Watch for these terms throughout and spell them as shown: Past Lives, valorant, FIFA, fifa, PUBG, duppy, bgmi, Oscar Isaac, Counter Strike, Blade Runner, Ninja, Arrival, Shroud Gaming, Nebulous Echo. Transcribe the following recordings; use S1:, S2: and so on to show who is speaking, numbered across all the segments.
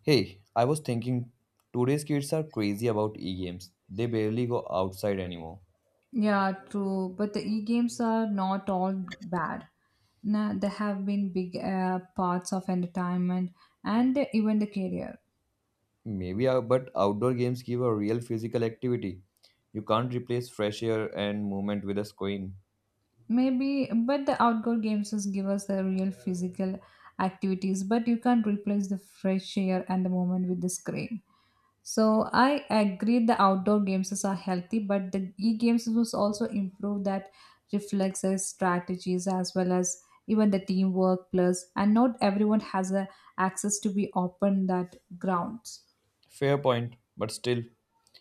S1: Hey, I was thinking, today's kids are crazy about e-games. They barely go outside anymore.
S2: Yeah, true. But the e-games are not all bad. Now, they have been big parts of entertainment and even the career.
S1: Maybe, but outdoor games give a real physical activity. You can't replace fresh air and movement with a screen.
S2: Maybe, but the outdoor games just give us the real physical activities, but you can't replace the fresh air and the moment with the screen. So I agree the outdoor games are healthy, but the e-games must also improve that reflexes, strategies, as well as even the teamwork plus, and not everyone has a access to be open that grounds.
S1: Fair point, but still,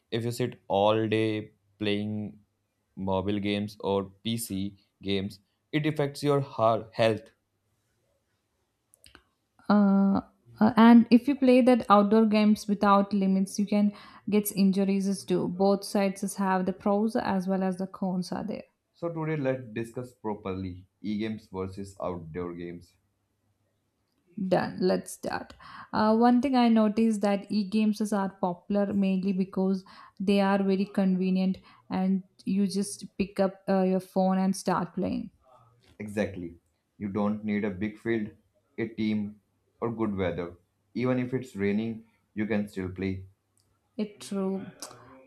S1: if you sit all day playing mobile games or PC games, it affects your heart health.
S2: uh, and if you play that outdoor games without limits you can get injuries as too, both sides is have the pros as well as the cons are there.
S1: So today, let's discuss properly e-games versus outdoor games.
S2: Done, let's start. One thing I noticed that e-games is are popular mainly because they are very convenient and you just pick up your phone and start playing.
S1: Exactly. You don't need a big field, a team, or good weather. Even if it's raining, you can still play.
S2: It true.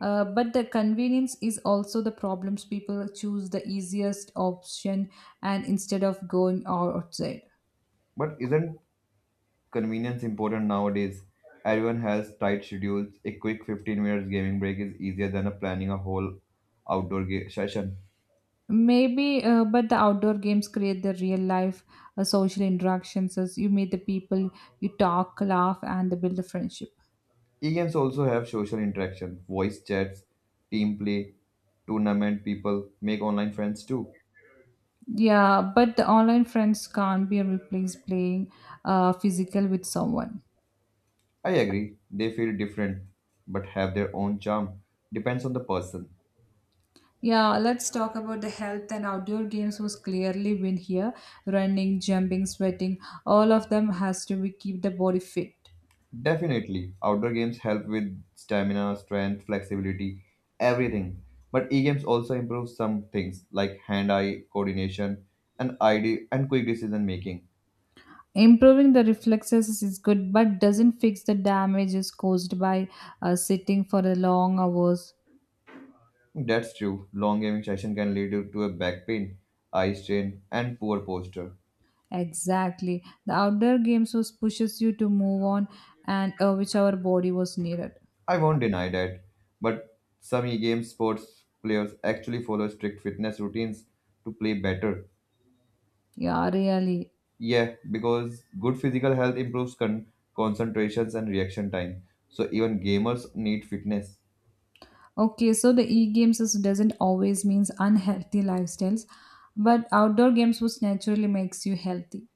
S2: But the convenience is also the problems, people choose the easiest option and instead of going outside.
S1: But isn't convenience important nowadays? Everyone has tight schedules. A quick 15 minutes gaming break is easier than a planning a whole outdoor session.
S2: Maybe, but the outdoor games create the real life social interactions as you meet the people, you talk, laugh, and build a friendship.
S1: E-games also have social interaction, voice chats, team play, tournament people make online friends too.
S2: Yeah, but the online friends can't be replaced playing physical with someone.
S1: I agree, they feel different but have their own charm. Depends on the person.
S2: Yeah, let's talk about the health, and outdoor games was clearly win here. Running, jumping, sweating, all of them has to be keep the body fit.
S1: Definitely, outdoor games help with stamina, strength, flexibility, everything. But e-games also improve some things like hand-eye coordination and ID and quick decision making.
S2: Improving the reflexes is good, but doesn't fix the damages caused by sitting for a long hours.
S1: That's true. Long gaming session can lead you to a back pain, eye strain, and poor posture.
S2: Exactly. The outdoor games was pushes you to move on and which our body was needed.
S1: I won't deny that. But some e-game sports players actually follow strict fitness routines to play better.
S2: Yeah, really.
S1: Yeah, because good physical health improves concentrations and reaction time. So even gamers need fitness.
S2: Okay, so the e-games is, doesn't always means unhealthy lifestyles, but outdoor games was naturally makes you healthy.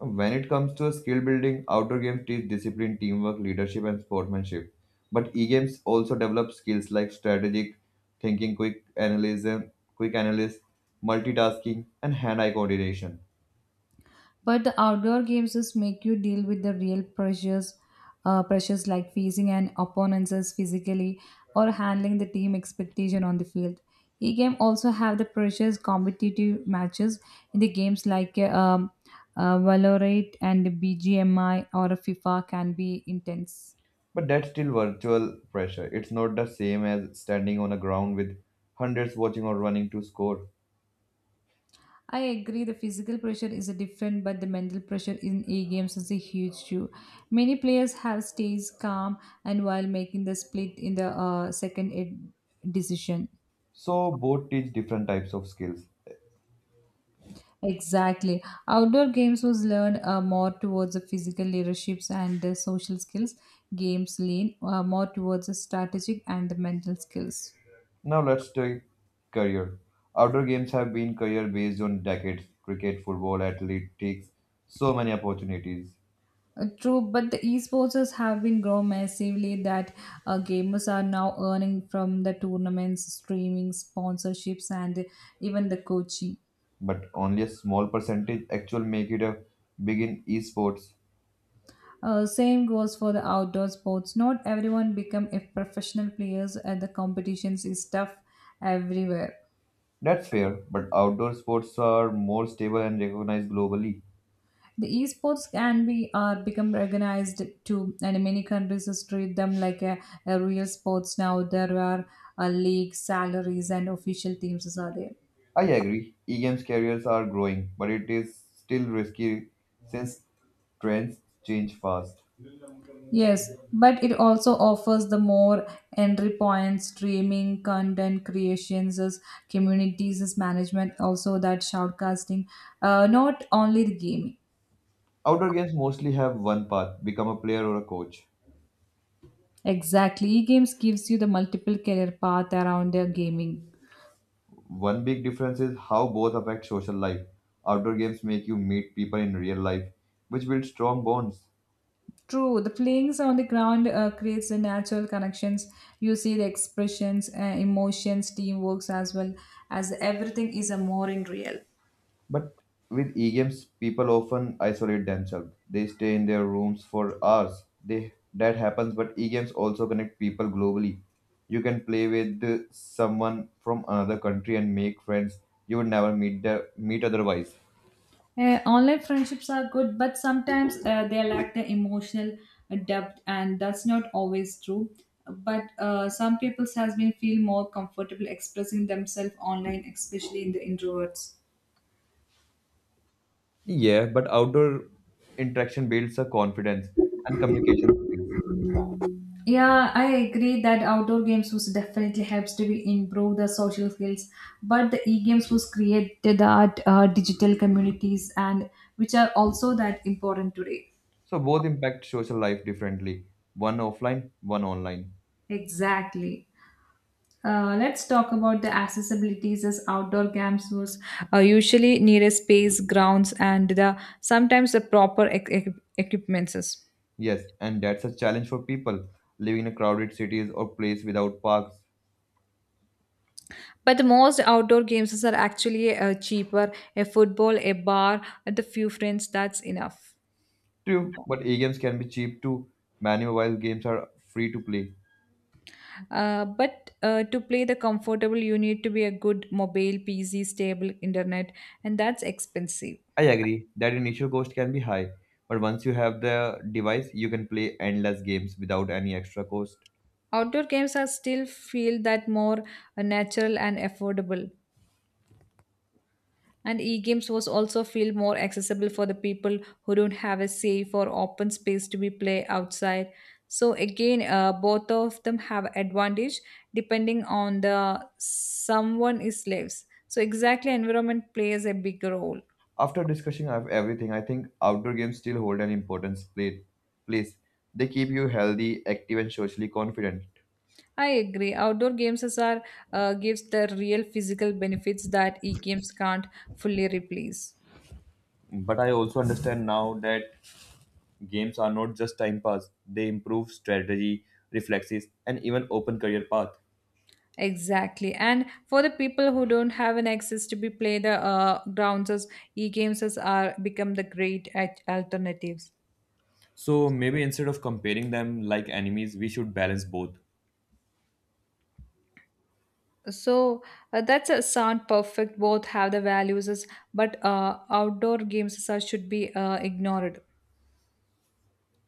S1: When it comes to skill building, outdoor games teach discipline, teamwork, leadership, and sportsmanship. But e-games also develop skills like strategic thinking, quick analysis, multitasking, and hand-eye coordination.
S2: But the outdoor games just make you deal with the real pressures, pressures like facing an opponent as physically or handling the team expectation on the field. E-game also have the precious competitive matches in the games like valorant and bgmi or fifa can be intense.
S1: But that's still virtual pressure. It's not the same as standing on a ground with hundreds watching or running to score.
S2: I agree the physical pressure is a different, but the mental pressure in e games is a huge too. Many players have stays calm and while making the split in the second decision.
S1: So both teach different types of skills.
S2: Exactly. Outdoor games was learned more towards the physical leaderships and the social skills. Games lean more towards the strategic and the mental skills.
S1: Now let's take career. Outdoor games have been career based on decades cricket, football, athletics, so many opportunities.
S2: True, but the esports have been grown massively that gamers are now earning from the tournaments, streaming, sponsorships, and even the coaching.
S1: But only a small percentage actually make it a big in esports.
S2: Same goes for the outdoor sports. Not everyone become a professional players, and the competitions is tough everywhere.
S1: That's fair, but outdoor sports are more stable and recognized globally.
S2: The esports can be are become recognized too, and many countries treat them like a real sports now. There are leagues, salaries, and official teams are there.
S1: I agree, e games careers are growing, but it is still risky since trends change fast.
S2: Yes, but it also offers the more entry points, streaming, content creations, as communities, as management, also that shoutcasting, not only the gaming.
S1: Outdoor games mostly have one path become a player or a coach.
S2: Exactly, e-games gives you the multiple career path around their gaming.
S1: One big difference is how both affect social life. Outdoor games make you meet people in real life, which build strong bonds.
S2: True, the playings on the ground creates the natural connections. You see the expressions, emotions, teamworks as well as everything is a more in real.
S1: But with e-games, people often isolate themselves. They stay in their rooms for hours. They that happens, but e-games also connect people globally. You can play with someone from another country and make friends you would never meet otherwise.
S2: Online friendships are good, but sometimes they lack the emotional depth, and that's not always true. But some people has been feel more comfortable expressing themselves online, especially in the introverts.
S1: Yeah, but outdoor interaction builds a confidence and communication skills.
S2: Yeah, I agree that outdoor games was definitely helps to be improve the social skills, but the e-games was created that digital communities and which are also that important today.
S1: So both impact social life differently, one offline, one online.
S2: Exactly. Let's talk about the accessibilities as outdoor camps was usually near a space, grounds, and the sometimes the proper equipments.
S1: Yes, and that's a challenge for people living in crowded cities or place without parks.
S2: But the most outdoor games are actually cheaper. A football, a bar, and a few friends. That's enough.
S1: True, but e-games can be cheap too. Many mobile games are free to play.
S2: But to play the comfortable, you need to be a good mobile, PC, stable internet, and that's expensive.
S1: I agree that initial cost can be high, but once you have the device, you can play endless games without any extra cost.
S2: Outdoor games are still feel that more natural and affordable. And e-games was also feel more accessible for the people who don't have a safe or open space to be play outside. So again, both of them have advantage depending on the someone is lives. So exactly, environment plays a big role.
S1: After discussing of everything, I think outdoor games still hold an important place. They keep you healthy, active, and socially confident.
S2: I agree. Outdoor games is are gives the real physical benefits that e-games can't fully replace.
S1: But I also understand now that games are not just time pass, they improve strategy, reflexes, and even open career path.
S2: Exactly. And for the people who don't have an access to be play the grounds as e-games as are become the great at alternatives.
S1: So maybe instead of comparing them like enemies, we should balance both.
S2: So that's a sound perfect. Both have the values as but outdoor games as are should be ignored.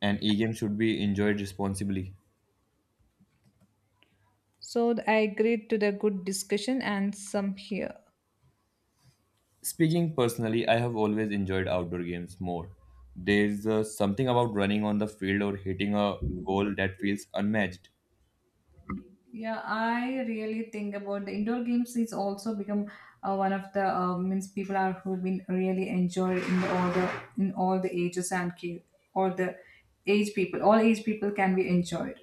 S1: And e-game should be enjoyed responsibly.
S2: So I agreed to the good discussion and some here.
S1: Speaking personally, I have always enjoyed outdoor games more. There's something about running on the field or hitting a goal that feels unmatched.
S2: Yeah, I really think about the indoor games is also become one of the means people are who been really enjoy all the in all the ages and all the age people, all age people can be enjoyed.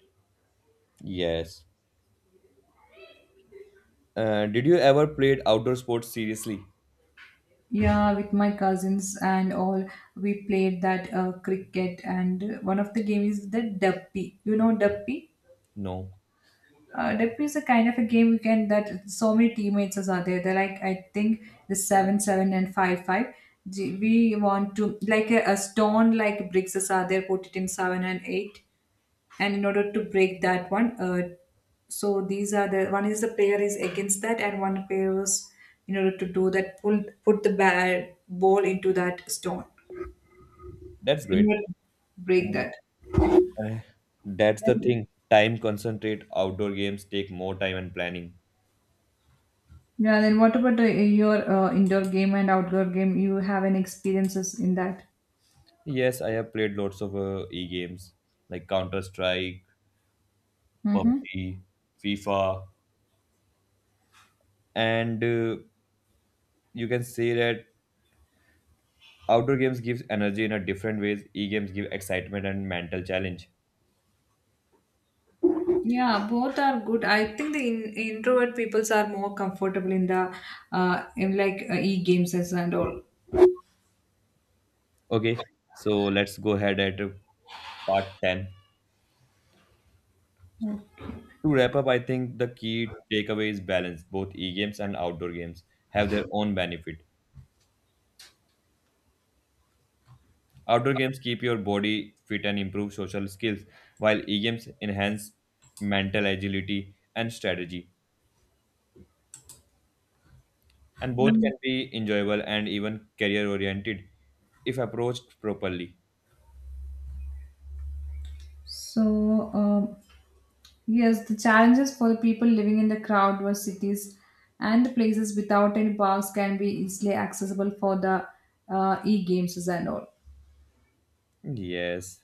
S1: Yes. Did you ever played outdoor sports seriously?
S2: Yeah, with my cousins and all, we played that cricket and one of the game is the duppy. You know duppy?
S1: No.
S2: Deppi is a kind of a game you can that so many teammates are there. They're like I think the seven seven and five five. We want to like a stone like bricks are there. Put it in seven and eight, and in order to break that one, so these are the one is the player is against that, and one player is in order to do that pull put the bad ball into that stone
S1: That's
S2: in
S1: great.
S2: order to break
S1: Yeah.
S2: that.
S1: Eh, That's the thing. Time concentrate. Outdoor games take more time and planning.
S2: Yeah, then what about your indoor game and outdoor game? You have any experiences in that?
S1: Yes, I have played lots of e-games like Counter Strike,
S2: Mm-hmm.
S1: PUBG, FIFA, and you can say that outdoor games gives energy in a different ways. E-games give excitement and mental challenge.
S2: Yeah, both are good. I think the in introvert peoples are more comfortable in the in like e-games as and all.
S1: Okay, so let's go ahead at part 10. To wrap up, I think the key takeaway is balance. Both e games and outdoor games have their own benefit. Outdoor games keep your body fit and improve social skills, while e-games enhance mental agility and strategy. And both can be enjoyable and even career oriented if approached properly.
S2: So, yes, the challenges for the people living in the crowd or cities and the places without any parks can be easily accessible for the e-games and all.
S1: Yes,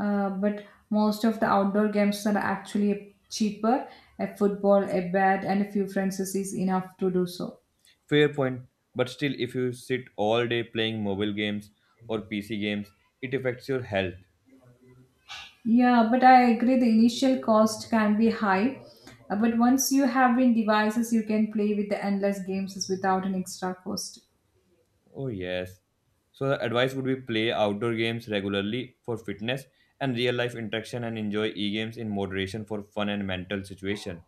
S2: But most of the outdoor games are actually cheaper. A football, a bat, and a few friends is enough to do so.
S1: fair point. But still, if you sit all day playing mobile games or PC games, it affects your health.
S2: Yeah, but I agree the initial cost can be high. But once you have been devices, you can play with the endless games without an extra cost.
S1: Oh, yes. So, the advice would be play outdoor games regularly for fitness and real life interaction and enjoy e games in moderation for fun and mental situation.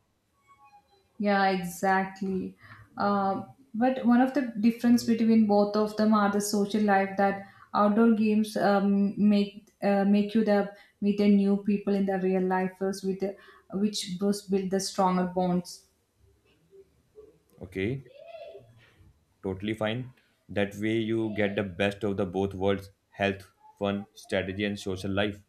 S2: Yeah, exactly. Um, but one of the difference between both of them are the social life that outdoor games make you the meet the new people in the real lifers which boost build the stronger bonds.
S1: Okay, totally fine. That way you get the best of the both worlds, health, fun, strategy and social life.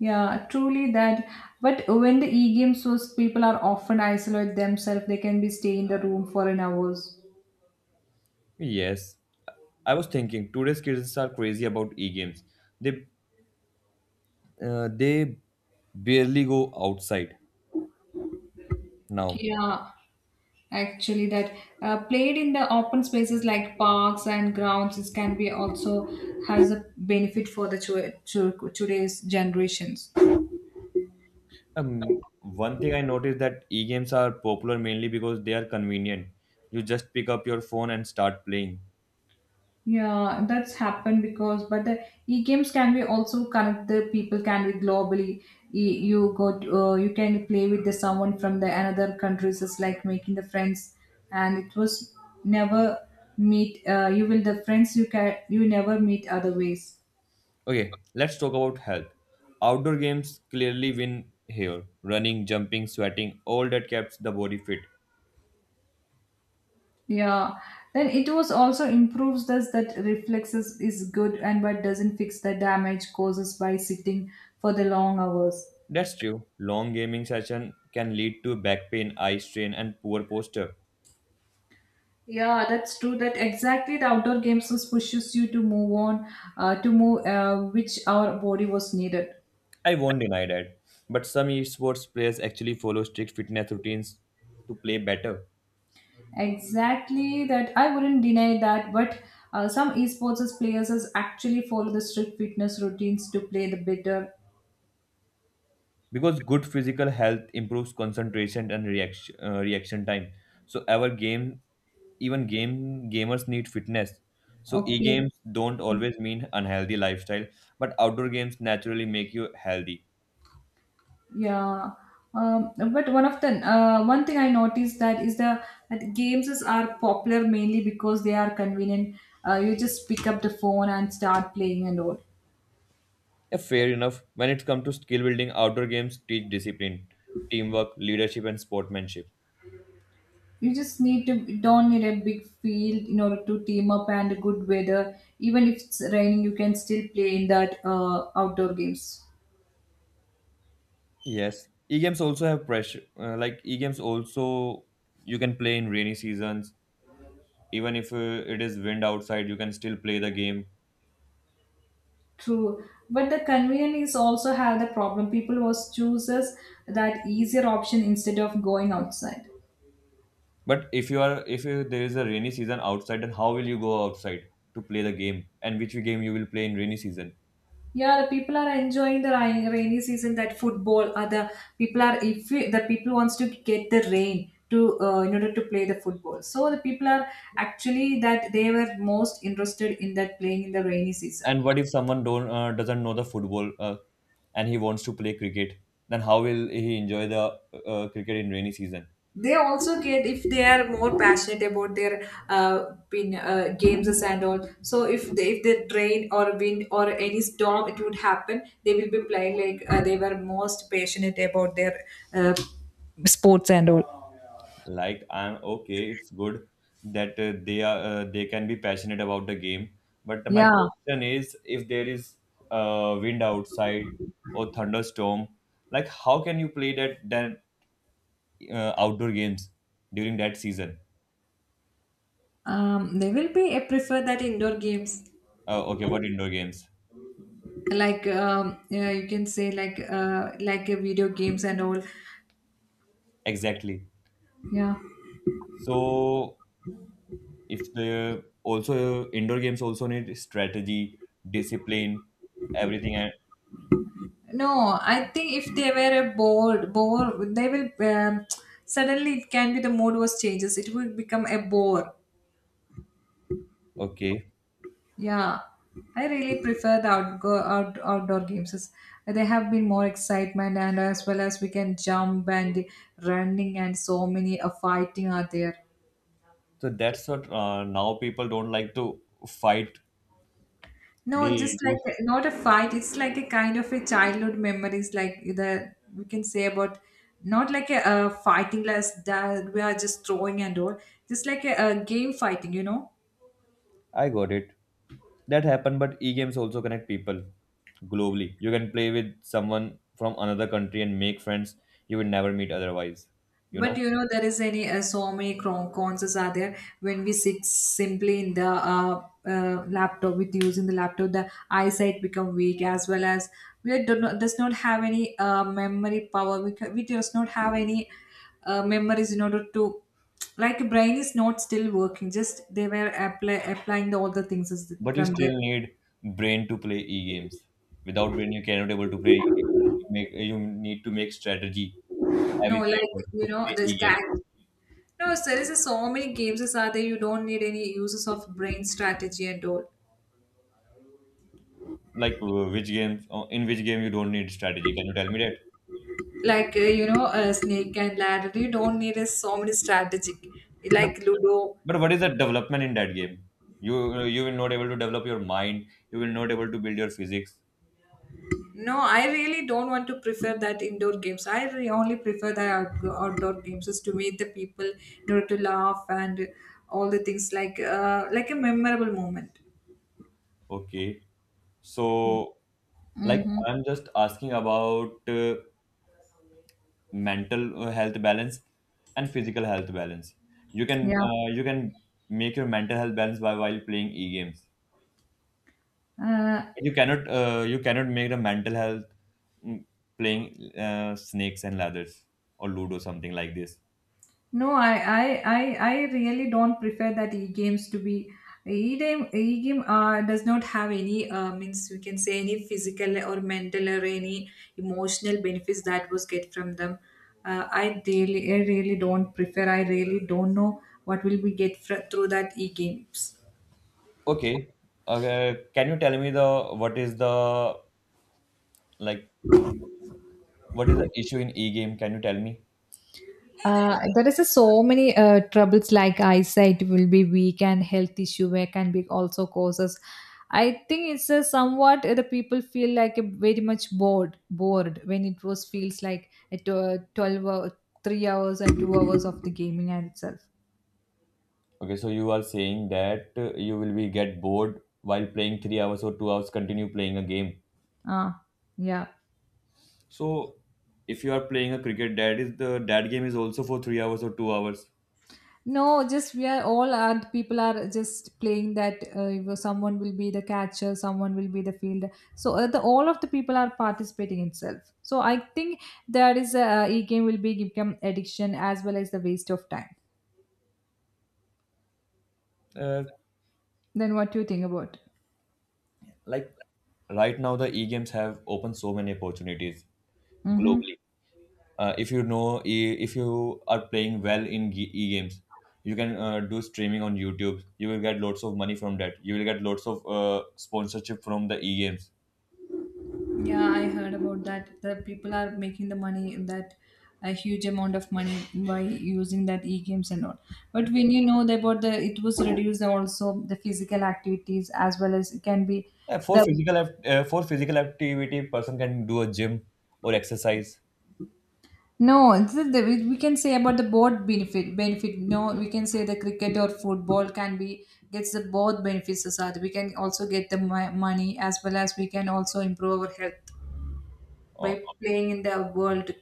S2: Yeah, truly that. But when the e-games was people are often isolate themselves, they can be stay in the room for an hours.
S1: Yes. I was thinking today's kids are crazy about e-games. They they barely go outside now.
S2: Yeah, actually that played in the open spaces like parks and grounds it can be also has a benefit for the today's generations.
S1: One thing I noticed that e-games are popular mainly because they are convenient. You just pick up your phone and start playing.
S2: Yeah, that's happened because but the e-games can be also connect the people can be globally. You go to, you can play with the someone from the another countries it's like making the friends and it was never meet you will the friends you can you never meet other ways.
S1: Okay, let's talk about health. Outdoor games clearly win here. Running, jumping, sweating, all that keeps the body fit.
S2: Yeah. Then it was also improves thus that reflexes is good and but doesn't fix the damage causes by sitting for the long hours.
S1: That's true. Long gaming session can lead to back pain, eye strain, and poor posture.
S2: Yeah, that's true. That exactly the outdoor games was pushes you to move on, to move which our body was needed.
S1: I won't deny that. But some esports players actually follow strict fitness routines to play better.
S2: Exactly that. I wouldn't deny that, but some esports players is actually follow the strict fitness routines to play the better.
S1: Because good physical health improves concentration and reaction time. So our game even game gamers need fitness. So
S2: Okay.
S1: e-games don't always mean unhealthy lifestyle, but outdoor games naturally make you healthy.
S2: Yeah, but one of the one thing I noticed that is the that games is, are popular mainly because they are convenient. You just pick up the phone and start playing and all.
S1: Yeah, fair enough. When it comes to skill building, outdoor games teach discipline, teamwork, leadership, and sportsmanship.
S2: You don't need a big field in order to team up and good weather. Even if it's raining, you can still play in that outdoor games.
S1: Yes, e-games also have pressure. Like, e-games also you can play in rainy seasons. Even if it is wind outside, you can still play the game.
S2: True, but the convenience is also have the problem. People was chooses that easier option instead of going outside.
S1: But if you are if you, there is a rainy season outside, then how will you go outside to play the game? And which game you will play in rainy season?
S2: Yeah, the people are enjoying the rain, rainy season. That football, other people are if we, the people wants to get the rain to in order to play the football. So the people are actually that they were most interested in that playing in the rainy season.
S1: And what if someone don't doesn't know the football and he wants to play cricket? Then how will he enjoy the cricket in rainy season?
S2: They also get if they are more passionate about their games and all. So if the rain or wind or any storm it would happen, they will be playing like they were most passionate about their uh, sports and all.
S1: Like, I'm okay, it's good that they can be passionate about the game. But my
S2: Yeah.
S1: question is, if there is wind outside or thunderstorm, like how can you play that then outdoor games during that season.
S2: They will be. I prefer that indoor games,
S1: Okay, what indoor games?
S2: like yeah, you can say like video games and all.
S1: Exactly.
S2: Yeah.
S1: So if the also indoor games also need strategy, discipline, everything. And
S2: No, I think if they were a bore, they will suddenly it can be the mood was changes. It will become a bore.
S1: okay,
S2: Yeah, I really prefer the outdoor games. They have been more excitement and as well as we can jump and running, and so many fighting are there.
S1: so that's what now people don't like to fight.
S2: No, just
S1: They do.
S2: like not a fight. It's like a kind of a childhood memories, like the we can say about, not like a fighting like that we are just throwing and all, just like a game fighting.
S1: I got it. That happened, but e-games also connect people globally. You can play with someone from another country and make friends you would never meet otherwise. You
S2: But
S1: know.
S2: you know there is any so many cons are there when we sit simply in the laptop, with using the laptop the eyesight become weak, as well as we do not does not have any memory power. We does not have any memories in order to, like, brain is not still working, just they were applying the all the things is
S1: But you
S2: from that.
S1: still need brain to play e-games. Without brain you cannot able to play e-games. You need to make strategy
S2: No,
S1: everything at
S2: like,
S1: once
S2: you
S1: to
S2: know,
S1: play
S2: this guy.
S1: e-game.
S2: No, so there is so many games is are there, you don't need any uses of brain strategy and all.
S1: Like, which games in which game you don't need strategy, can you tell me that?
S2: Like snake and ladder, you don't need a so many strategic,
S1: but,
S2: like ludo.
S1: but what is the development in that game? You will not able to develop your mind. You will not able to build your physics.
S2: No, I really don't want to prefer that indoor games, only prefer the outdoor games, just to meet the people in order to laugh and all the things, like a memorable moment.
S1: Okay. So like
S2: Mm-hmm.
S1: I'm just asking about mental health balance and physical health balance. you can
S2: Yeah.
S1: uh, you can make your mental health balance by while playing e-games,
S2: Uh,
S1: but you cannot make the mental health mm, playing snakes and ladders or ludo something like this.
S2: No, I really don't prefer that e-games to be e-game. E-game does not have any means, we can say, any physical or mental or any emotional benefits that was get from them. I really don't prefer. I really don't know what will we get through that e-games.
S1: Okay. Can you tell me the what is the like, what is the issue in e-game? Can you tell me?
S2: There is a so many troubles, like eyesight will be weak and health issue where can be also causes. I think it's a somewhat the people feel like a very much bored when it was feels like at 12 hour, 3 hours and 2 hours of the gaming and itself.
S1: Okay, so you are saying that you will be get bored while playing 3 hours or 2 hours continue playing a game.
S2: Ah, yeah.
S1: So if you are playing a cricket, that game is also for 3 hours or 2 hours.
S2: No, just we are all are people are just playing that if someone will be the catcher, someone will be the fielder. So the all of the people are participating itself. So I think there is a e game will be become addiction as well as the waste of time.
S1: Uh,
S2: Then what do you think about?
S1: like, right now, the e games have opened so many opportunities
S2: Mm-hmm.
S1: globally. If you know, if you are playing well in e games, you can do streaming on YouTube. You will get lots of money from that. You will get lots of sponsorship from the e games.
S2: Yeah, I heard about that. The people are making the money in that, a huge amount of money, by using that e-games and all. But
S1: Yeah.
S2: when you know that about the, it was reduced also the physical activities as well as it can be
S1: For
S2: the...
S1: physical activity, person can do a gym or exercise.
S2: No, it's we can say about the both benefit. Benefit. No, we can say the cricket or football can be gets the both benefits. Society. We can also get the money as well as we can also improve our health,
S1: uh,
S2: by playing in the world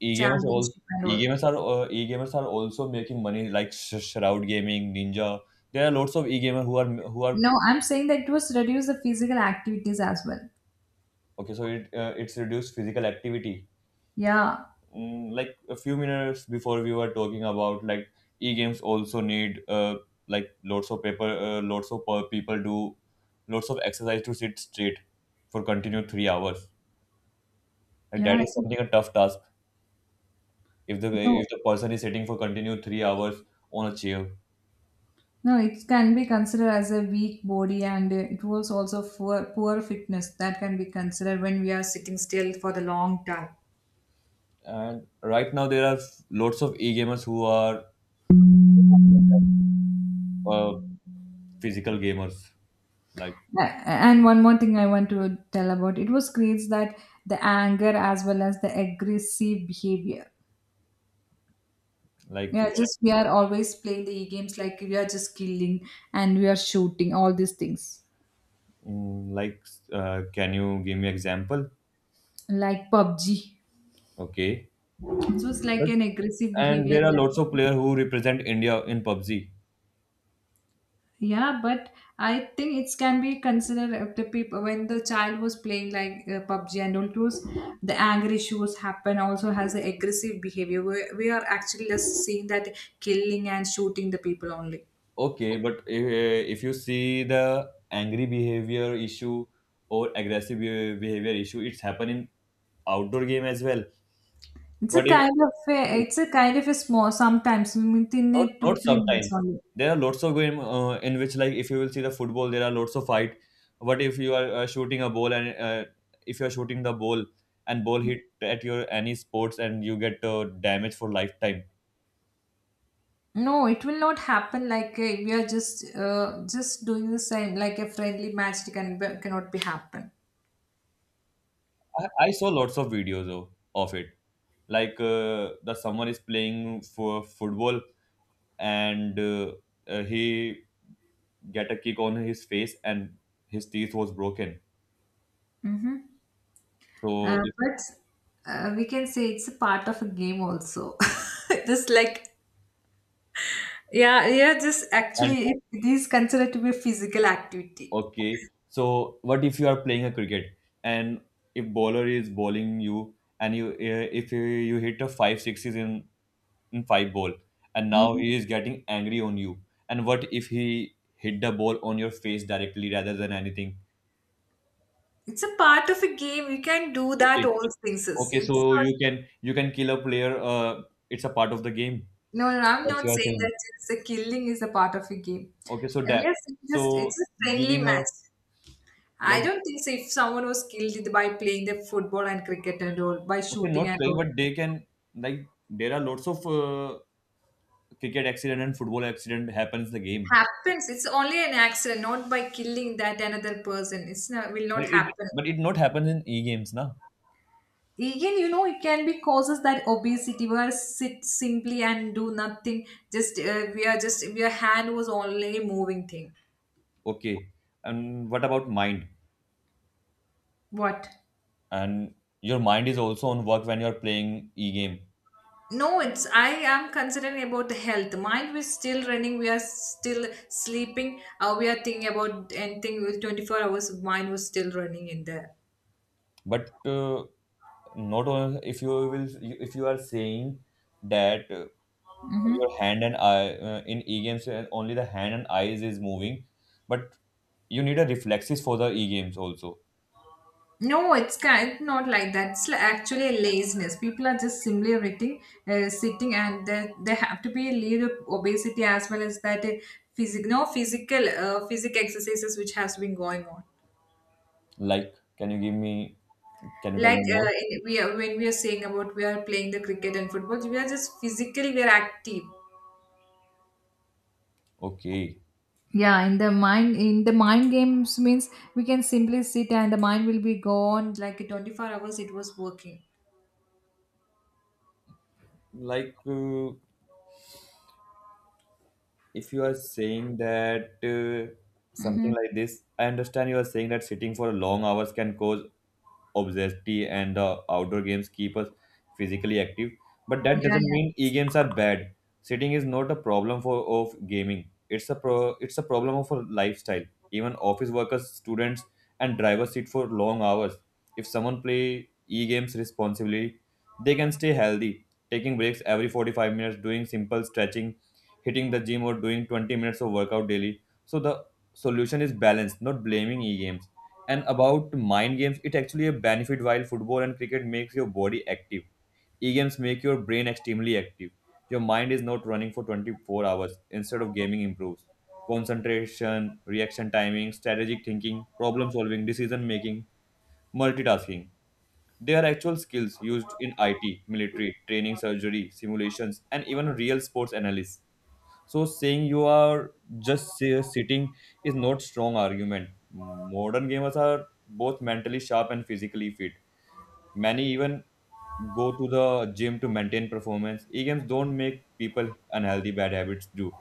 S1: E-gamers all
S2: championship and all.
S1: e-gamers are also making money like Shroud Gaming, Ninja. There are lots of e-gamer who are.
S2: No, I'm saying that it was reduce the physical activities as well.
S1: Okay. So it's reduced physical activity.
S2: Yeah,
S1: Like a few minutes before we were talking about, like, e-games also need like lots of paper, lots of people do lots of exercise to sit straight for continued 3 hours. And that
S2: yeah.
S1: is
S2: It's...
S1: something a tough task if the if
S2: No,
S1: the person is sitting for continued 3 hours on a chair.
S2: no. It can be considered as a weak body, and it was also for poor fitness that can be considered when we are sitting still for the long time.
S1: And right now there are lots of e-gamers who are uh, physical gamers. like
S2: And one more thing I want to tell about, it was creates that the anger as well as the aggressive behavior.
S1: like
S2: Yeah, just we are always playing the E games, like we are just killing and we are shooting all these things.
S1: mm, like can you give me example?
S2: Like PUBG, it
S1: Okay.
S2: was like
S1: but,
S2: an aggressive
S1: and
S2: behavior
S1: there are lots of
S2: that...
S1: players who represent India in PUBG.
S2: Yeah, but I think it can be considered, if the people when the child was playing like PUBG and all those, the anger issues happen. Also has the aggressive behavior. We are actually just seeing that killing and shooting the people only.
S1: Okay, but if you see the angry behavior issue or aggressive behavior issue, it's happen in outdoor game as well.
S2: It's a
S1: What if?
S2: kind of a, it's a kind of a small, sometimes within
S1: Not,
S2: a two
S1: not
S2: three minutes
S1: sometimes.
S2: only.
S1: There are lots of game in which, like, if you will see the football, there are lots of fight. But if you are shooting a ball and if you are shooting the ball and ball hit at your any sports and you get damage for lifetime.
S2: No, it will not happen. Like we are just doing the same, like a friendly match cannot be happen.
S1: I saw lots of videos of it. Like the someone is playing for football and he get a kick on his face and his teeth was broken. So
S2: Uh,
S1: if,
S2: but uh, we can say it's a part of a game also. Just like, yeah, yeah, just
S1: and
S2: actually, it is considered to be a physical activity.
S1: Okay. So what if you are playing a cricket and if bowler is bowling you and you if you, you hit a five sixes in five ball and now
S2: Mhm.
S1: he is getting angry on you and what if he hit the ball on your face directly rather than anything?
S2: It's a part of a game. You can do that
S1: Okay.
S2: all things. It's
S1: Okay.
S2: it's
S1: So
S2: not...
S1: you can kill a player. It's a part of the game.
S2: No, no, I'm
S1: That's
S2: not
S1: your
S2: saying that
S1: thing.
S2: it's a killing is a part of a game.
S1: Okay. So
S2: And we
S1: that
S2: are saying just, it's
S1: so
S2: a friendly
S1: giving a
S2: match. I
S1: like
S2: don't think so. If someone was killed by playing the football and cricket and all, by
S1: okay,
S2: shooting
S1: not
S2: and all,
S1: playing but they can, like there are lots of cricket accident and football accident happens in the game.
S2: happens. It's only an accident, not by killing that another person. It's not will
S1: But
S2: not
S1: it
S2: happen.
S1: but it not happens in e-games, na?
S2: Even you know, it can be causes that obesity. We are sit simply and do nothing. Just we are just, your hand was only moving thing.
S1: Okay. And what about mind?
S2: What?
S1: And your mind is also on work when you're playing e-game.
S2: No, it's, I am considering about the health. Mind we still running. We are still sleeping. We are thinking about anything. With 24 hours, mind was still running in there.
S1: But not on, if you will, if you are saying that your hand and eye in e-games only the hand and eyes is moving, but you need a reflexes for the e-games also.
S2: No, it's kind not like that. It's actually a laziness. People are just simply writing, sitting, and they have to be lead of obesity as well as that physical, no, physical, physic exercises which has been going on.
S1: Like, can you give me? Can you tell
S2: Like
S1: me more?
S2: in, we are when we are saying about we are playing the cricket and football, we are just physically we are active.
S1: Okay.
S2: Yeah, in the mind games means we can simply sit and the mind will be gone, like 24 hours, it was working.
S1: Like. Uh, if you are saying that
S2: Mm-hmm.
S1: something like this, I understand you are saying that sitting for long hours can cause obesity and the outdoor games keep us physically active. But that doesn't
S2: Yeah.
S1: mean e-games are bad. Sitting is not a problem for of gaming. It's a problem of a lifestyle. Even office workers, students, and drivers sit for long hours. If someone play e-games responsibly, they can stay healthy, taking breaks every 45 minutes, doing simple stretching, hitting the gym or doing 20 minutes of workout daily. So the solution is balance, not blaming e-games. And about mind games, it actually a benefit while football and cricket makes your body active. E-games make your brain extremely active. Your mind is not running for 24 hours. Instead of gaming improves concentration, reaction timing, strategic thinking, problem solving, decision making, multitasking. They are actual skills used in IT, military, training, surgery, simulations, and even real sports analysis. So saying you are sitting is not strong argument. Modern gamers are both mentally sharp and physically fit. Many even go to the gym to maintain performance. E-games don't make people unhealthy, bad habits do.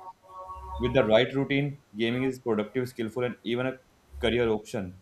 S1: With the right routine, gaming is productive, skillful, and even a career option.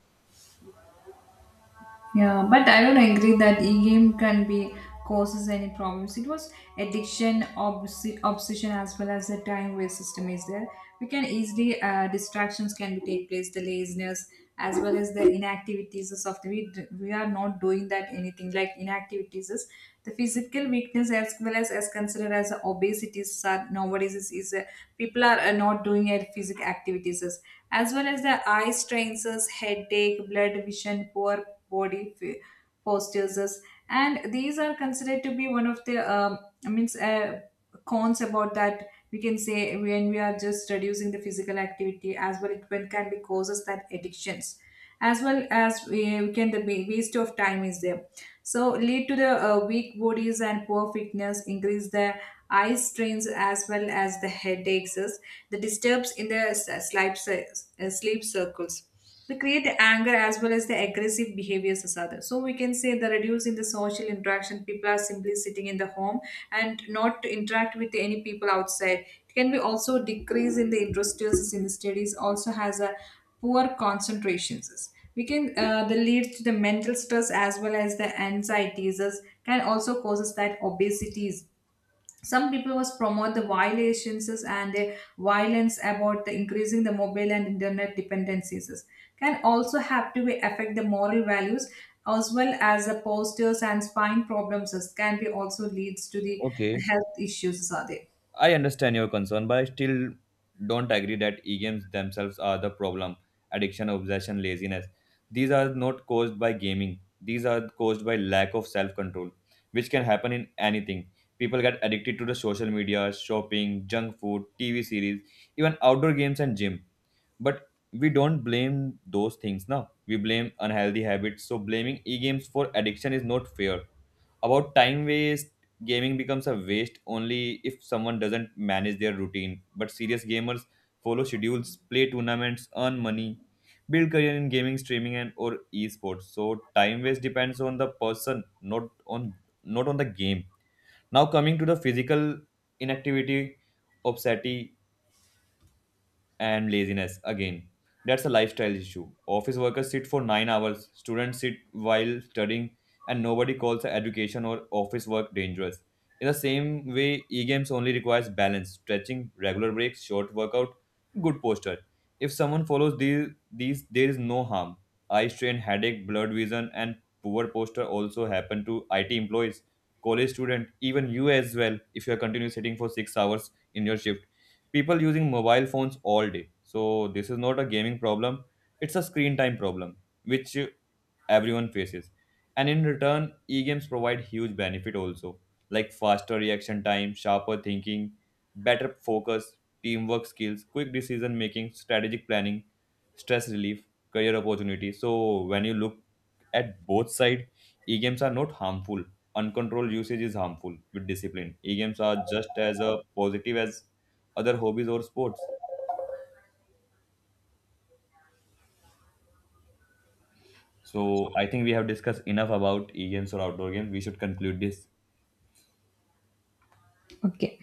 S2: Yeah, but I don't agree that e-game can be causes any problems. It was addiction, obsession, as well as the time waste system is there. We can easily distractions can be take place, the laziness as well as the inactivities of the we are not doing that anything, like inactivities is the physical weakness, as well as considered as the obesity is nowadays is, people are not doing their physical activities, as well as the eye strains, headache, blood vision, poor body postures, and these are considered to be one of the I mean cons about that, we can say, when we are just reducing the physical activity as well, it when can be causes that addictions, as well as we can, the waste of time is there, so lead to the weak bodies and poor fitness, increase the eye strains as well as the headaches is, the disturbs in the sleep, sleep circles, they create anger as well as the aggressive behaviors as others. So we can say the reduce in the social interaction. People are simply sitting in the home and not to interact with any people outside. It can be also decrease in the interest in the studies. Also has a poor concentrations. We can the leads to the mental stress as well as the anxieties can also causes that obesities. Some people was promote the violations is and the violence about the increasing the mobile and internet dependencies is. Can also have to be affect the moral values as well as the postures and spine problems is can be also leads to the
S1: Okay.
S2: health issues are there.
S1: I understand your concern, but I still don't agree that e-games themselves are the problem. Addiction, obsession, laziness. These are not caused by gaming. These are caused by lack of self-control, which can happen in anything. People get addicted to the social media, shopping, junk food, TV series, even outdoor games and gym. But we don't blame those things now. We blame unhealthy habits. So blaming e-games for addiction is not fair. About time waste, gaming becomes a waste only if someone doesn't manage their routine, but serious gamers follow schedules, play tournaments, earn money, build career in gaming, streaming and or esports. So time waste depends on the person, not on not on the game. Now coming to the physical inactivity, obesity and laziness again, that's a lifestyle issue. Office workers sit for 9 hours, students sit while studying, and nobody calls education or office work dangerous. In the same way, e-games only requires balance, stretching, regular breaks, short workout, good posture. If someone follows these there is no harm. Eye strain, headache, blurred vision and poor posture also happen to IT employees, college student, even you as well, if you are continuously sitting for 6 hours in your shift. People using mobile phones all day, so this is not a gaming problem, it's a screen time problem, which everyone faces. And in return, e-games provide huge benefit also, like faster reaction time, sharper thinking, better focus, teamwork skills, quick decision making, strategic planning, stress relief, career opportunities. So when you look at both side, e-games are not harmful, uncontrolled usage is harmful. With discipline, e-games are just as a positive as other hobbies or sports. So I think we have discussed enough about e-games or outdoor games, we should conclude this.
S2: Okay.